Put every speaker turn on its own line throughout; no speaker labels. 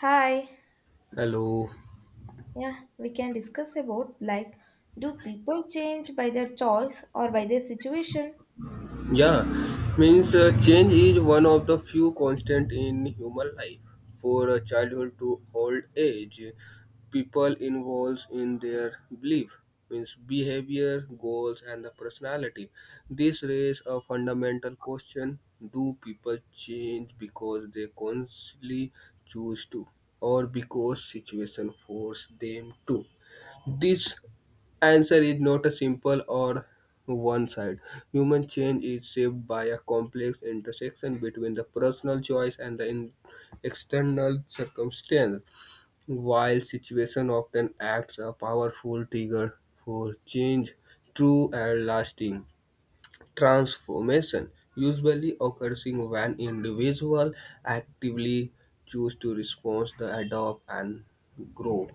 Hi.
Hello.
Yeah, we can discuss about like do people change by their choice or by their situation?
Yeah, means Change is one of the few constant in human life. For a childhood to old age, people involves in their belief, means behavior, goals, and the personality. This raises a fundamental question: Do people change because they consciously choose to, or because situation force them to? This answer is not a simple or one side. Human change is shaped by a complex intersection between the personal choice and the external circumstance. While situation often acts a powerful trigger for change, true and lasting transformation usually occurs when individual actively choose to respond, to adopt, and grow.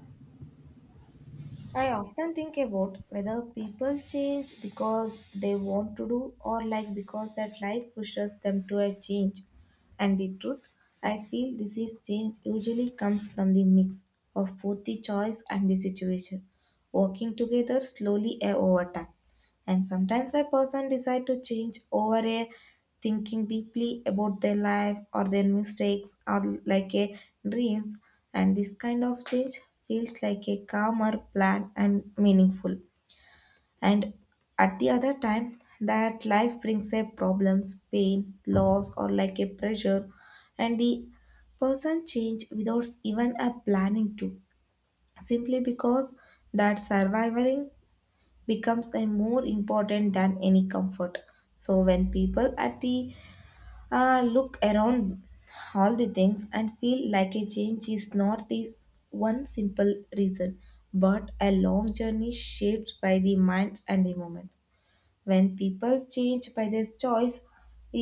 I often think about whether people change because they want to do or like because that life pushes them to a change. And the truth, I feel this is change usually comes from the mix of both the choice and the situation, working together slowly over time. And sometimes a person decide to change over a thinking deeply about their life or their mistakes or like a dreams, and this kind of change feels like a calmer plan and meaningful. And at the other time that life brings a problems, pain, loss, or like a pressure, and the person change without even a planning to, simply because that surviving becomes a more important than any comfort. So when people at the look around all the things and feel like a change is not this one simple reason, but a long journey shaped by the minds and the moments. When people change by their choice,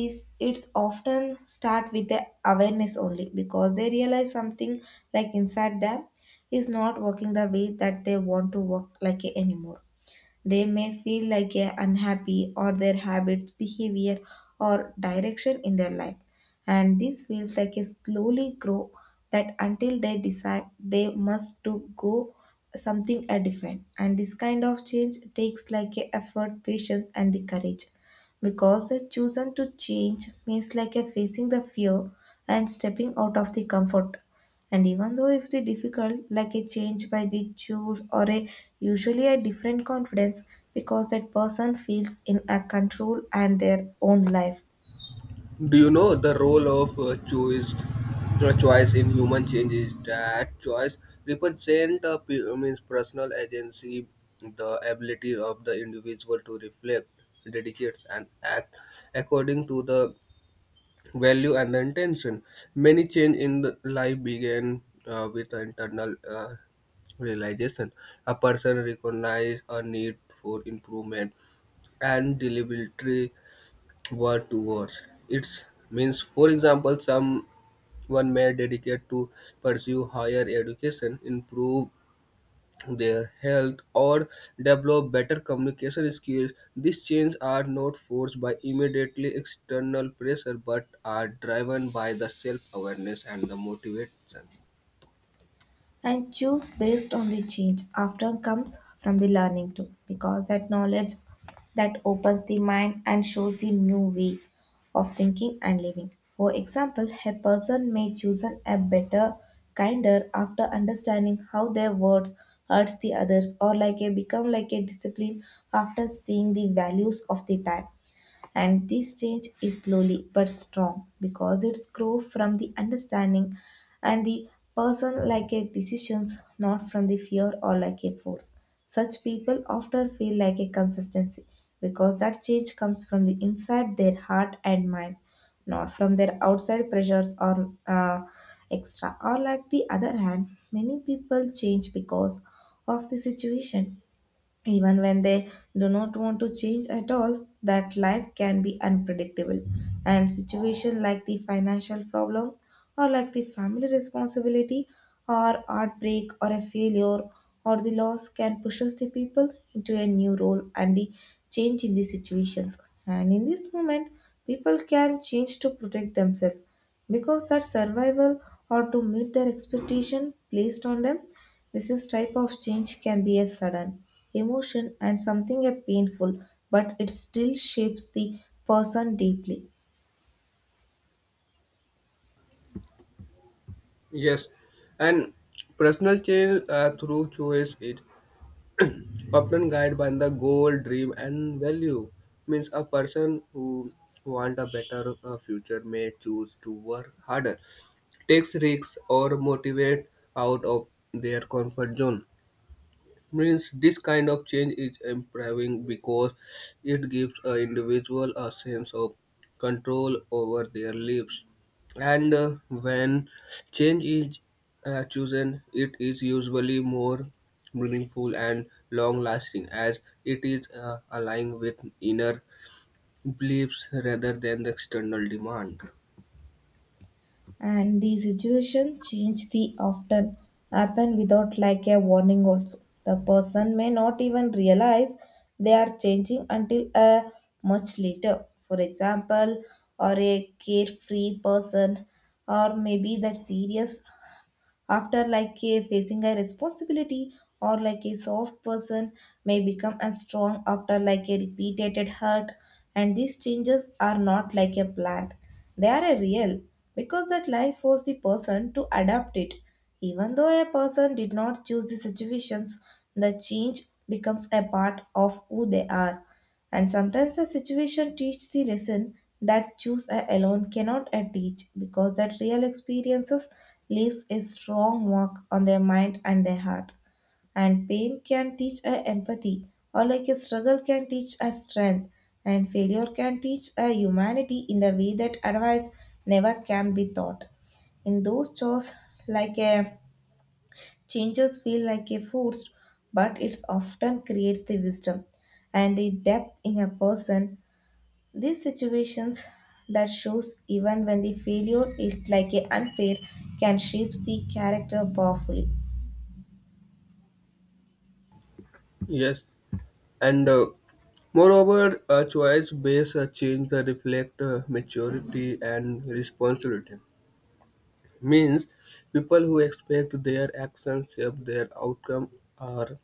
is it's often start with the awareness, only because they realize something like inside them is not working the way that they want to work like anymore. They may feel like a unhappy or their habits, behavior, or direction in their life. And this feels like a slowly grow that until they decide they must to go something a different. And this kind of change takes like a effort, patience, and the courage, because the chosen to change means like a facing the fear and stepping out of the comfort. And even though if the difficult like a change by the choose or a usually a different confidence, because that person feels in a control and their own life.
Do you know the role of choice, choice in human change is that choice represent pe- means personal agency, the ability of the individual to reflect, dedicate, and act according to the value and the intention. Many change in the life begin with the internal realization. A person recognize a need for improvement and deliberately word to words. It means, for example, someone may dedicate to pursue higher education, improve their health, or develop better communication skills. These changes are not forced by immediately external pressure but are driven by the self awareness and the motivation.
And choose based on the change after comes from the learning too, because that knowledge that opens the mind and shows the new way of thinking and living. For example, a person may choose an, a better kinder after understanding how their words hurts the others, or like a become like a discipline after seeing the values of the time. And this change is slowly but strong, because it's grow from the understanding, and the person like a decisions not from the fear or like a force. Such people often feel like a consistency, because that change comes from the inside their heart and mind, not from their outside pressures or extra. Or like the other hand, many people change because of the situation, even when they do not want to change at all, that life can be unpredictable. And situations like the financial problem, or like the family responsibility, or heartbreak, or a failure, or the loss can push us the people into a new role and the change in the situations. And in this moment, people can change to protect themselves because that survival, or to meet their expectation placed on them. This is type of change can be a sudden emotion and something a painful, but it still shapes the person deeply.
Yes, and personal change through choice is often guided by the goal, dream, and value. Means a person who want a better future may choose to work harder, takes risks, or motivate out of their comfort zone means this kind of change is empowering because it gives an individual a sense of control over their lives, and when change is chosen, it is usually more meaningful and long lasting as it is aligned with inner beliefs rather than the external demand.
And the situation change the often happen without like a warning also. The person may not even realize they are changing until a much later. For example, or a carefree person, or maybe that serious after like a facing a responsibility, or like a soft person may become a strong after like a repeated hurt. And these changes are not like a plant, they are a real, because that life forced the person to adapt it. Even though a person did not choose the situations, the change becomes a part of who they are. And sometimes the situation teaches the lesson that alone cannot a teach, because that real experiences leaves a strong mark on their mind and their heart. And pain can teach a empathy, or like a struggle can teach a strength, and failure can teach a humanity in the way that advice never can be taught. In those chores, like a changes feel like a forced, but it often creates the wisdom and the depth in a person. These situations that shows even when the failure is like a unfair can shape the character powerfully.
Yes and Moreover, a choice based change the reflect maturity and responsibility means people who expect their actions shape their outcome are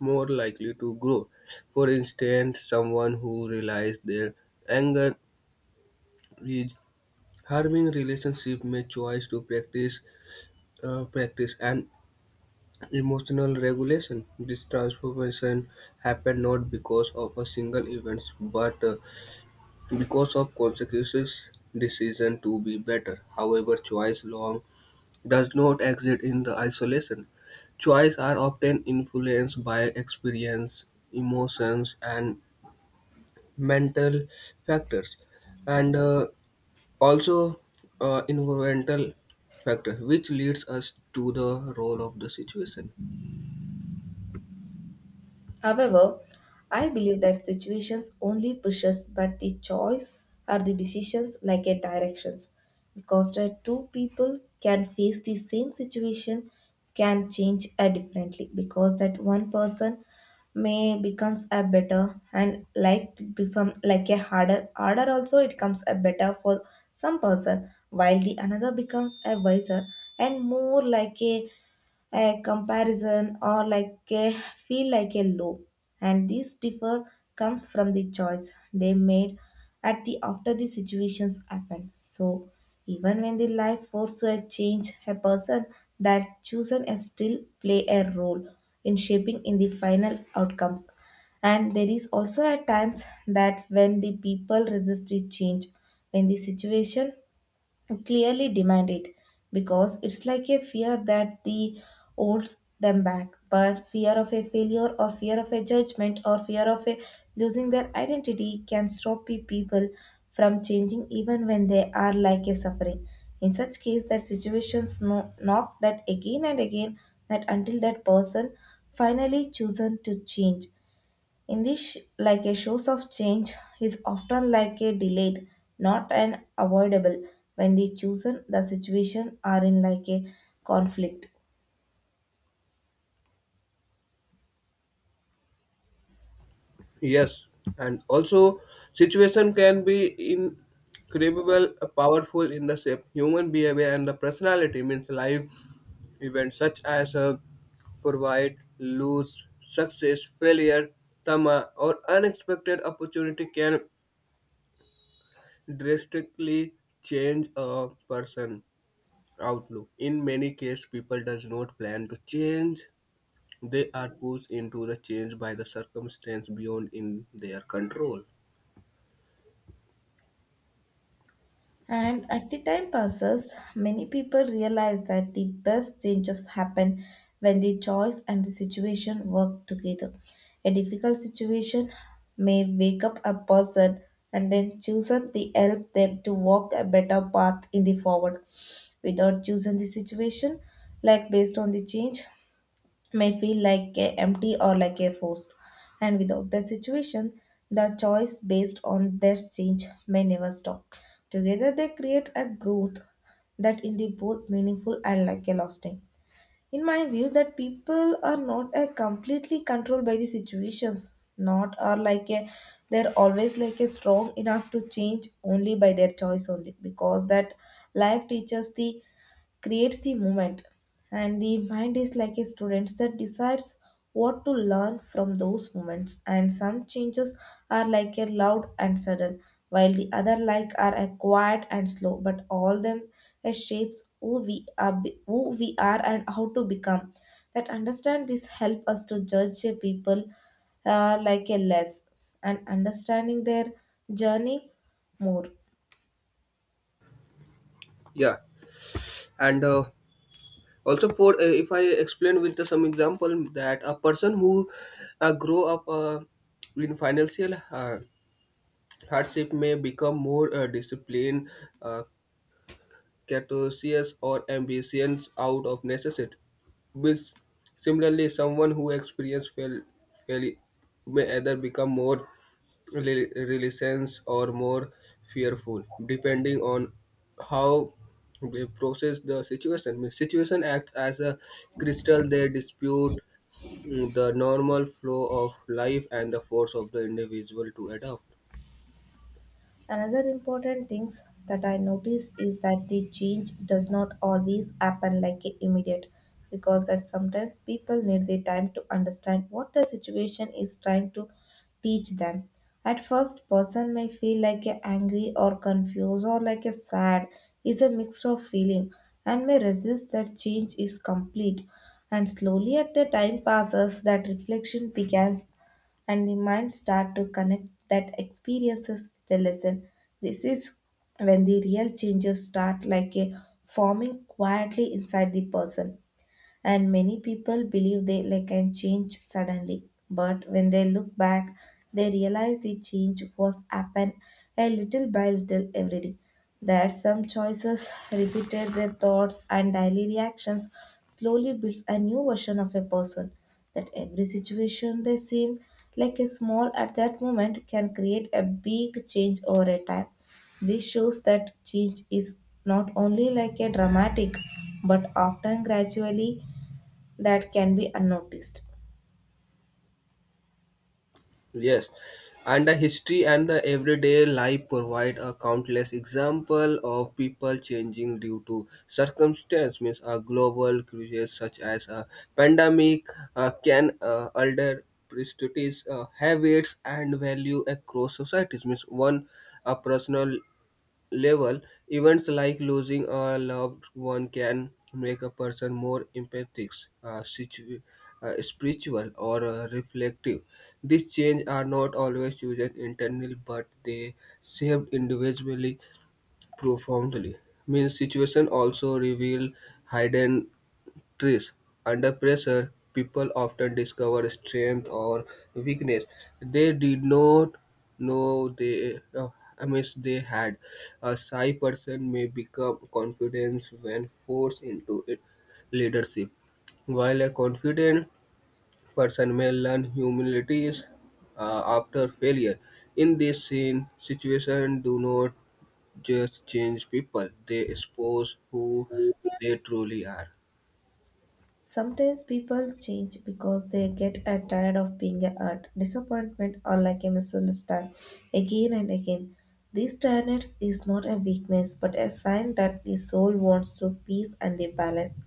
more likely to grow. For instance, someone who realizes their anger is harming relationship may choose to practice an emotional regulation. This transformation happened not because of a single event but because of consequences decision to be better. However, choice long does not exist in the isolation. Choices are often influenced by experience, emotions, and mental factors, and also environmental factors, which leads us to the role of the situation.
However, I believe that situations only pushes, but the choice or the decisions like a directions. Because the two people can face the same situation can change differently, because that one person may becomes a better and like to become like a harder also it comes a better for some person, while the another becomes a wiser and more like a comparison or like a feel like a low. And this differ comes from the choice they made at the after the situations happen. So even when the life forces a change a person, that chosen is still play a role in shaping in the final outcomes. And there is also at times that when the people resist the change when the situation clearly demand it, because it's like a fear that the holds them back. But fear of a failure, or fear of a judgment, or fear of a losing their identity can stop people from changing even when they are like a suffering. In such case that situations no, knock that again and again that until that person finally chosen to change. In this, like a shows of change, is often like a delayed, not an avoidable when the chosen the situation are in like a conflict.
Yes, and also situation can be incredible, powerful in the shape human behavior and the personality means life events such as provide lose, success, failure, trauma, or unexpected opportunity can drastically change a person outlook. In many cases, people does not plan to change. They are pushed into the change by the circumstance beyond in their control.
And as the time passes, many people realize that the best changes happen when the choice and the situation work together. A difficult situation may wake up a person, and then choosing the help them to walk a better path in the forward. Without choosing the situation, like based on the change, may feel like a empty or like a forced. And without the situation the choice based on their change may never stop. Together they create a growth that in the both meaningful and like a lasting. In my view that people are not completely controlled by the situations, not are like a they're always like a strong enough to change only by their choice only, because that life teaches the creates the moment, and the mind is like a student that decides what to learn from those moments. And some changes are like a loud and sudden, while the other like are a quiet and slow, but all them it shapes who we are and how to become. That understand this help us to judge a people like a less and understanding their journey more.
Yeah, and also for if I explain with the, some example that a person who grow up in financial hardship may become more disciplined, uh, cautious, or ambitious out of necessity. Which, similarly, someone who experiences fail may either become more reluctant or more fearful, depending on how they process the situation. Means situation acts as a crystal; they dispute the normal flow of life and the force of the individual to adapt.
Another important things that I notice is that the change does not always happen like a immediate, because that sometimes people need the time to understand what the situation is trying to teach them. At first person may feel like a angry or confused or like a sad, is a mixture of feeling, and may resist that change is complete. And slowly at the time passes that reflection begins, and the mind start to connect that experiences with the lesson. This is when the real changes start, like a forming quietly inside the person. And many people believe they like can change suddenly, but when they look back they realize the change was happen a little by little every day. That some choices repeated their thoughts and daily reactions slowly builds a new version of a person. That every situation they seem like a small at that moment can create a big change over a time. This shows that change is not only like a dramatic, but often gradually, that can be unnoticed.
Yes, and the history and the everyday life provide a countless example of people changing due to circumstance. Means a global crisis such as a pandemic can alter prejudices, habits, and value across societies. Means one a personal level, events like losing a loved one can make a person more empathic, uh, situ- spiritual, or reflective. These changes are not always used internally, but they shaped individually profoundly. Means situation also reveal hidden Threes, under pressure, people often discover strength or weakness they did not know they they had. A shy person may become confident when forced into it. Leadership, while a confident person may learn humility after failure. In this scene, situation do not just change people; they expose who they truly are.
Sometimes people change because they get tired of being a hurt, disappointment, or like a misunderstand again and again. This tiredness is not a weakness, but a sign that the soul wants to peace and the balance.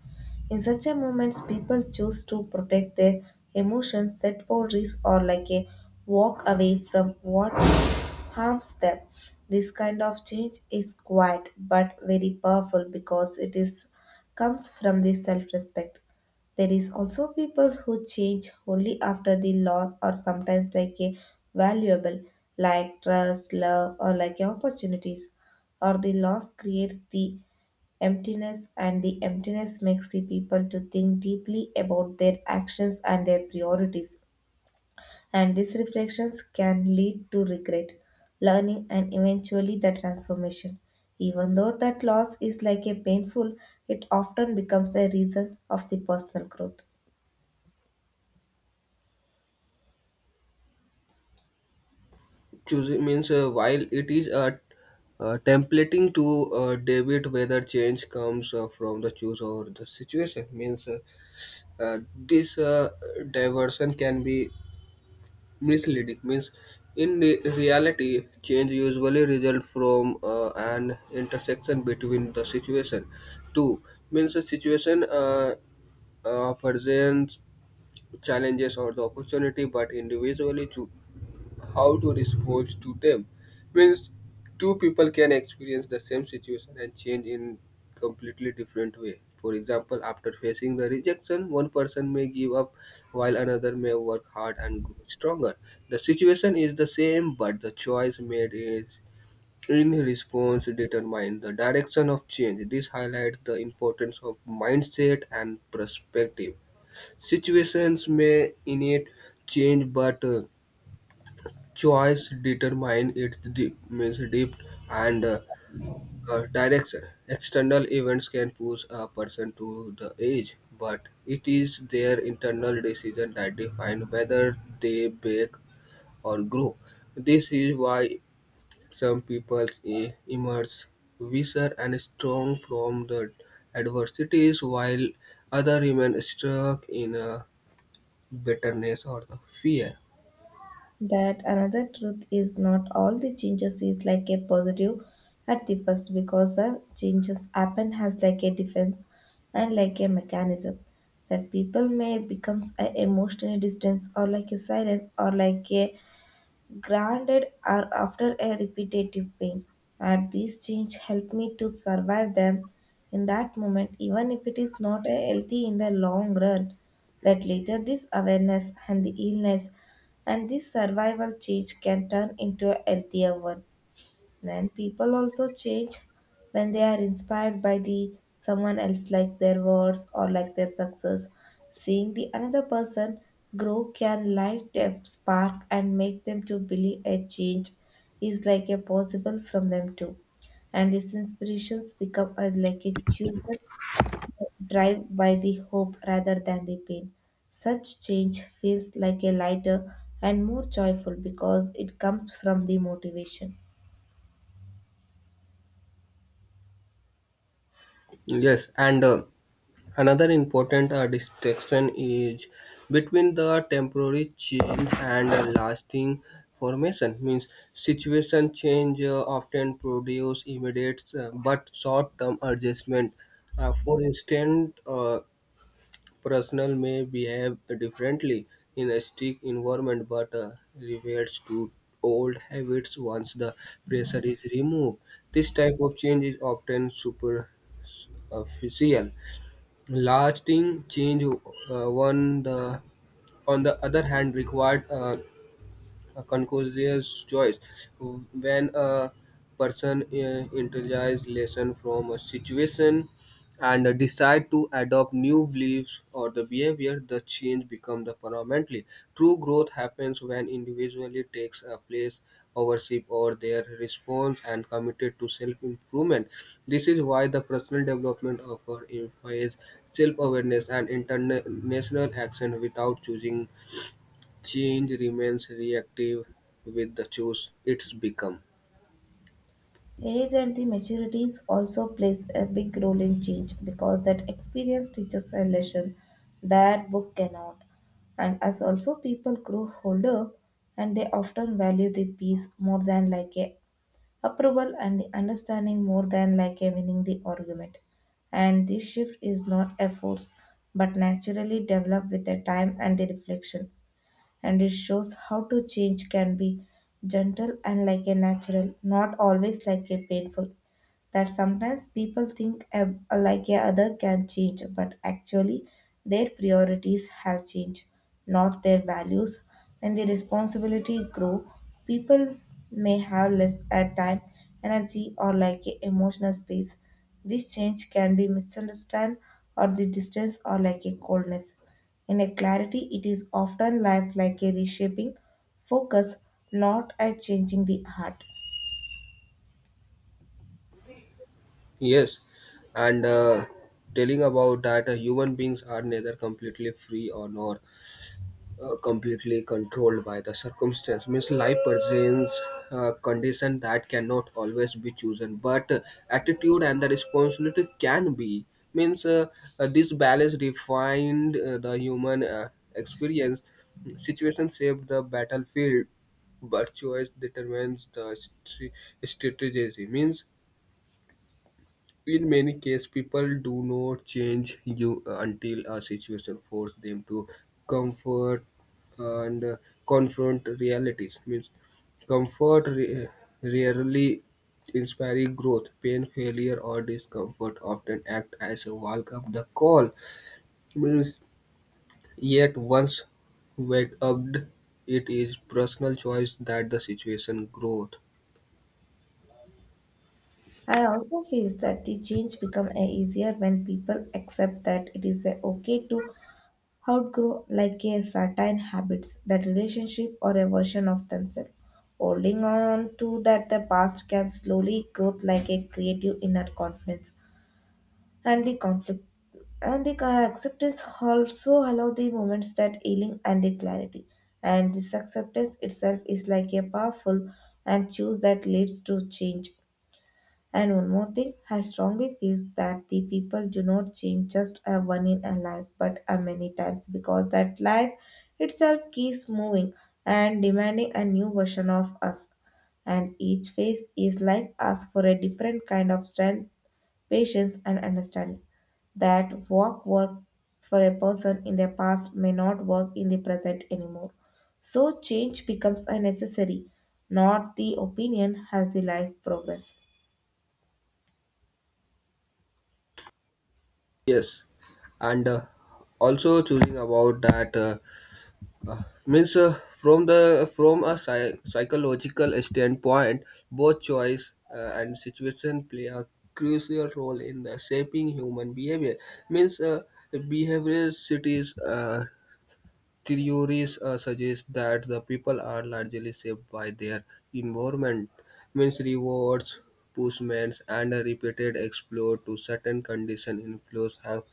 In such a moments, people choose to protect their emotions, set boundaries, or like a walk away from what harms them. This kind of change is quiet but very powerful, because it is comes from the self-respect. There is also people who change only after the loss, or sometimes like a valuable, like trust, love, or like opportunities. Or the loss creates the emptiness, and the emptiness makes the people to think deeply about their actions and their priorities. And these reflections can lead to regret, learning, and eventually the transformation. Even though that loss is like a painful, it often becomes the reason of the personal growth.
Choosing means while it is templating to debit whether change comes from the choose or the situation means this diversion can be misleading means in reality change usually result from an intersection between the situation two means a situation presents challenges or the opportunity but individually how to respond to them means two people can experience the same situation and change in completely different way. For example, after facing the rejection, one person may give up while another may work hard and grow stronger. The situation is the same but the choice made is in response determine the direction of change. This highlights the importance of mindset and perspective. Situations may innate change but choice determine its deep, means depth and direction. External events can push a person to the edge, but it is their internal decision that define whether they bake or grow. This is why some people emerge wiser and strong from the adversities, while others remain stuck in a bitterness or the fear.
That another truth is not all the changes is like a positive at the first, because our changes happen has like a defense and like a mechanism. That people may becomes a emotional distance or like a silence or like a granted or after a repetitive pain. And these change help me to survive them in that moment, even if it is not a healthy in the long run. That later this awareness and the illness and this survival change can turn into a healthier one. Then people also change when they are inspired by the someone else like their words or like their success. Seeing the another person grow can light a spark and make them to believe a change is like a possible from them too. And these inspirations become like a chooser drive by the hope rather than the pain. Such change feels like a lighter and more joyful because it comes from the motivation.
Yes, and Another important distinction is between the temporary change and a lasting formation. Means situation change often produce immediate but short-term adjustment. For instance, personnel may behave differently in a strict environment but reverts to old habits once the pressure is removed. This type of change is often superficial. Lasting change, on the other hand, required a conscious choice. When a person internalizes lesson from a situation and decide to adopt new beliefs or the behavior, the change becomes the permanently. True growth happens when individually takes a place ownership or their response and committed to self-improvement. This is why the personal development offer our self-awareness and international action without choosing change remains reactive with the choice it's become.
Age and the maturities also plays a big role in change because that experience teaches a lesson that book cannot. And as also people grow older and they often value the peace more than like a approval and the understanding more than like a winning the argument. And this shift is not a force but naturally developed with the time and the reflection. And it shows how to change can be gentle and like a natural, not always like a painful that sometimes people think like a other can change, but actually their priorities have changed, not their values. When the responsibility grow, people may have less time, energy, or like a emotional space. This change can be misunderstood, or the distance, or like a coldness. In a clarity, it is often like a reshaping focus, not a changing the heart.
Yes, and Telling about that human beings are neither completely free or nor completely controlled by the circumstance. Means life presents condition that cannot always be chosen, but attitude and the responsibility can be. Means this balance defined the human experience. Situation shaped the battlefield, but choice determines the strategy. Means in many cases people do not change you until a situation forces them to comfort and confront realities means comfort re- rarely inspiring growth pain failure or discomfort often act as a walk up the call means yet once wake up it is personal choice that the situation growth.
I also feel that the change become easier when people accept that it is a okay to outgrow like a certain habits, that relationship or a version of themselves. Holding on to that the past can slowly grow like a creative inner confidence and the conflict, and the acceptance also allow the moments that healing and the clarity. And this acceptance itself is like a powerful and choose that leads to change. And one more thing, I strongly feel that the people do not change just a one in a life, but a many times because that life itself keeps moving and demanding a new version of us. And each phase is like us for a different kind of strength, patience, and understanding. That what worked for a person in the past may not work in the present anymore. So change becomes a necessary. Not the opinion has the life progress.
Yes and Also choosing about that Uh, means from the from a psychological standpoint both choice and situation play a crucial role in the shaping human behavior means behavioral cities theories suggest that the people are largely shaped by their environment, means rewards, punishments, and a repeated exposure to certain condition influence how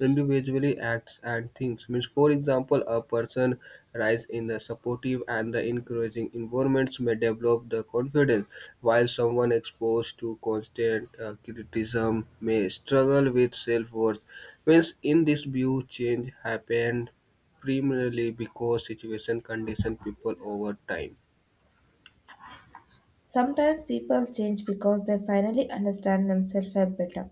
individually acts and thinks. Means, for example, a person rise in the supportive and the encouraging environments may develop the confidence, while someone exposed to constant criticism may struggle with self-worth. Means, in this view, change happens primarily because situation condition people over time.
Sometimes people change because they finally understand themselves a better.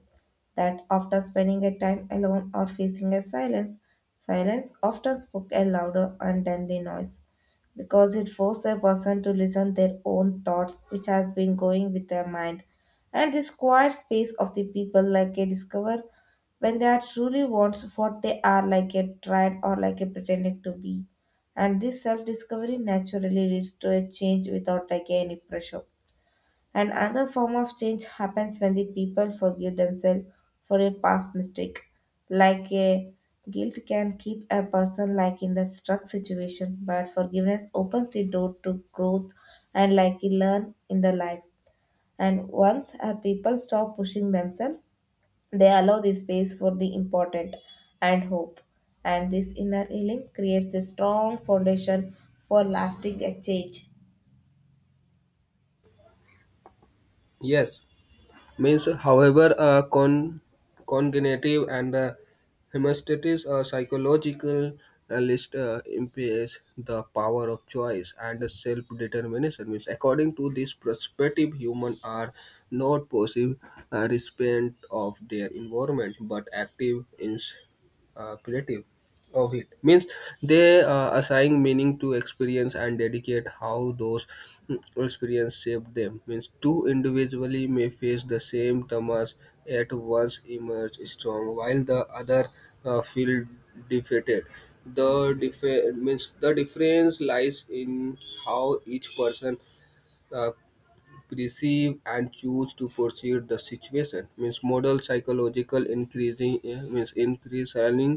That after spending a time alone or facing a silence, silence often spoke a louder and than the noise, because it forced a person to listen their own thoughts which has been going with their mind. And this quiet space of the people like a discover when they are truly wants what they are like a tried or like a pretending to be. And this self-discovery naturally leads to a change without like any pressure. And another form of change happens when the people forgive themselves for a past mistake. Like a guilt can keep a person like in the stuck situation, but forgiveness opens the door to growth and like you learn in the life. And once a people stop pushing themselves, they allow the space for the important and hope. And this inner healing creates the strong foundation for lasting a change.
Yes, means however cognitive and hemostasis or psychological list impairs the power of choice and self determination. Means according to this perspective, humans are not passive recipient of their environment but active in creative. Of it means they assign meaning to experience and dedicate how those experience shape them means two individually may face the same traumas at once emerge strong while the other feel defeated. The difference lies in how each person uh, perceive and choose to perceive the situation means model psychological increasing means increase learning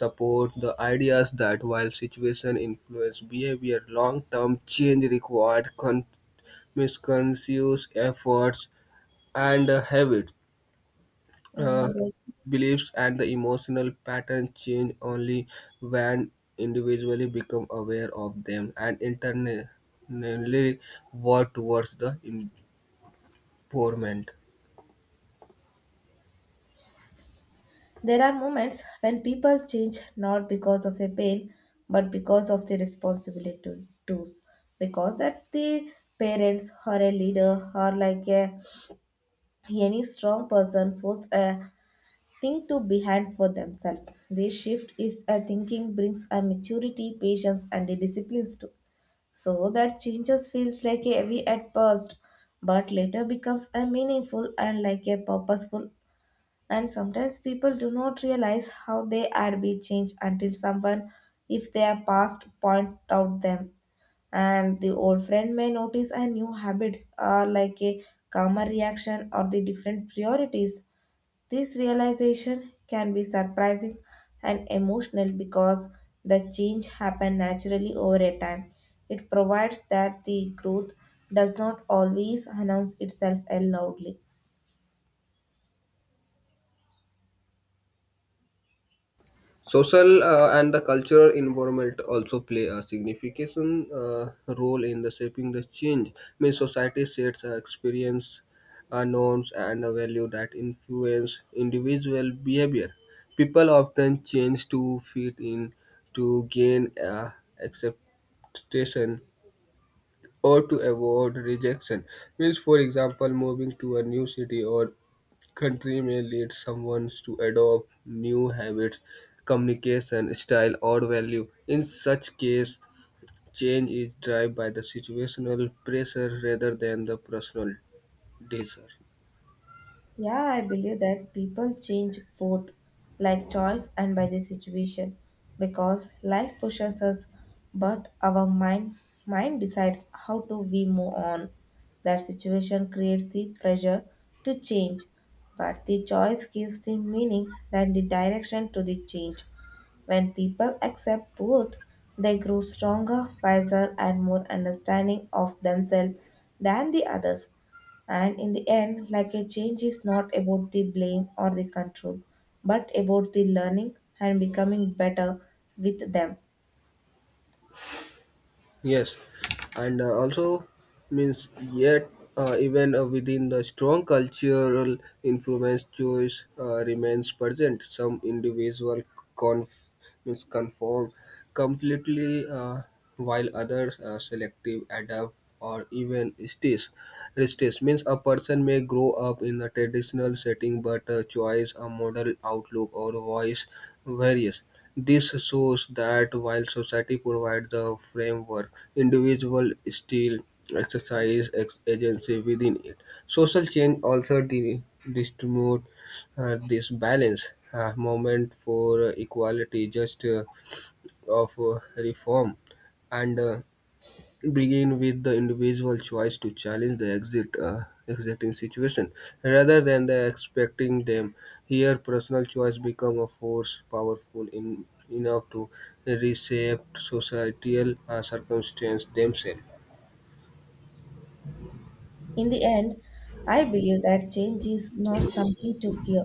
support the ideas that while situation influence behavior long-term change required means conscious efforts and habit uh,
Mm.
beliefs and the emotional pattern change only when individually become aware of them and internally work towards the improvement.
There are moments when people change not because of a pain, but because of the responsibility to do's. Because that the parents or a leader or like a, any strong person force a thing to behind for themselves. This shift is a thinking brings a maturity, patience, and a disciplines too. So that changes feels like a heavy at first, but later becomes a meaningful and like a purposeful. And sometimes people do not realize how they are being changed until someone, if they are past, point out them. And the old friend may notice a new habits are like a calmer reaction or the different priorities. This realization can be surprising and emotional because the change happen naturally over a time. It provides that the growth does not always announce itself loudly.
Social and the cultural environment also play a significant role in the shaping the change. Means society sets experience, norms, and a value that influence individual behavior. People often change to fit in, to gain acceptation, or to avoid rejection. Means, for example, moving to a new city or country may lead someone to adopt new habits, communication style, or value. In such case, change is driven by the situational pressure rather than the personal desire.
Yeah, I believe that people change both like choice and by the situation because life pushes us, but our mind decides how to we move on. That situation creates the pressure to change, but the choice gives the meaning and the direction to the change. When people accept both, they grow stronger, wiser, and more understanding of themselves than the others. And in the end, like a change is not about the blame or the control, but about the learning and becoming better with them.
Yes, and also means yet even within the strong cultural influence, choice remains present. Some individual con- means conform completely, while others selective adapt or even resist. Resist means a person may grow up in a traditional setting, but choice, a model outlook, or voice varies. This shows that while society provides the framework, individuals still exercise agency within it. Social change also distribute this balance. Movement for equality, just of reform, and begin with the individual choice to challenge the exit existing situation rather than the expecting them. Here personal choice become a force powerful in, enough to reshape societal circumstance themselves.
In the end, I believe that change is not something to fear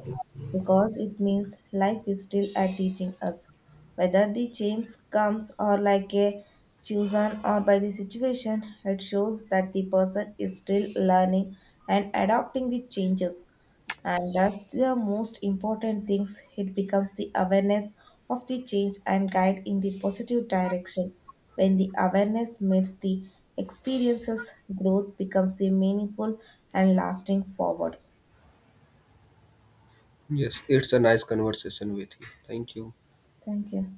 because it means life is still at teaching us. Whether the change comes or like a chosen or by the situation, it shows that the person is still learning and adopting the changes. And that's the most important things. It becomes the awareness of the change and guide in the positive direction. When the awareness meets the experiences, growth becomes the meaningful and lasting forward.
Yes, it's a nice conversation with you. Thank you.
Thank you.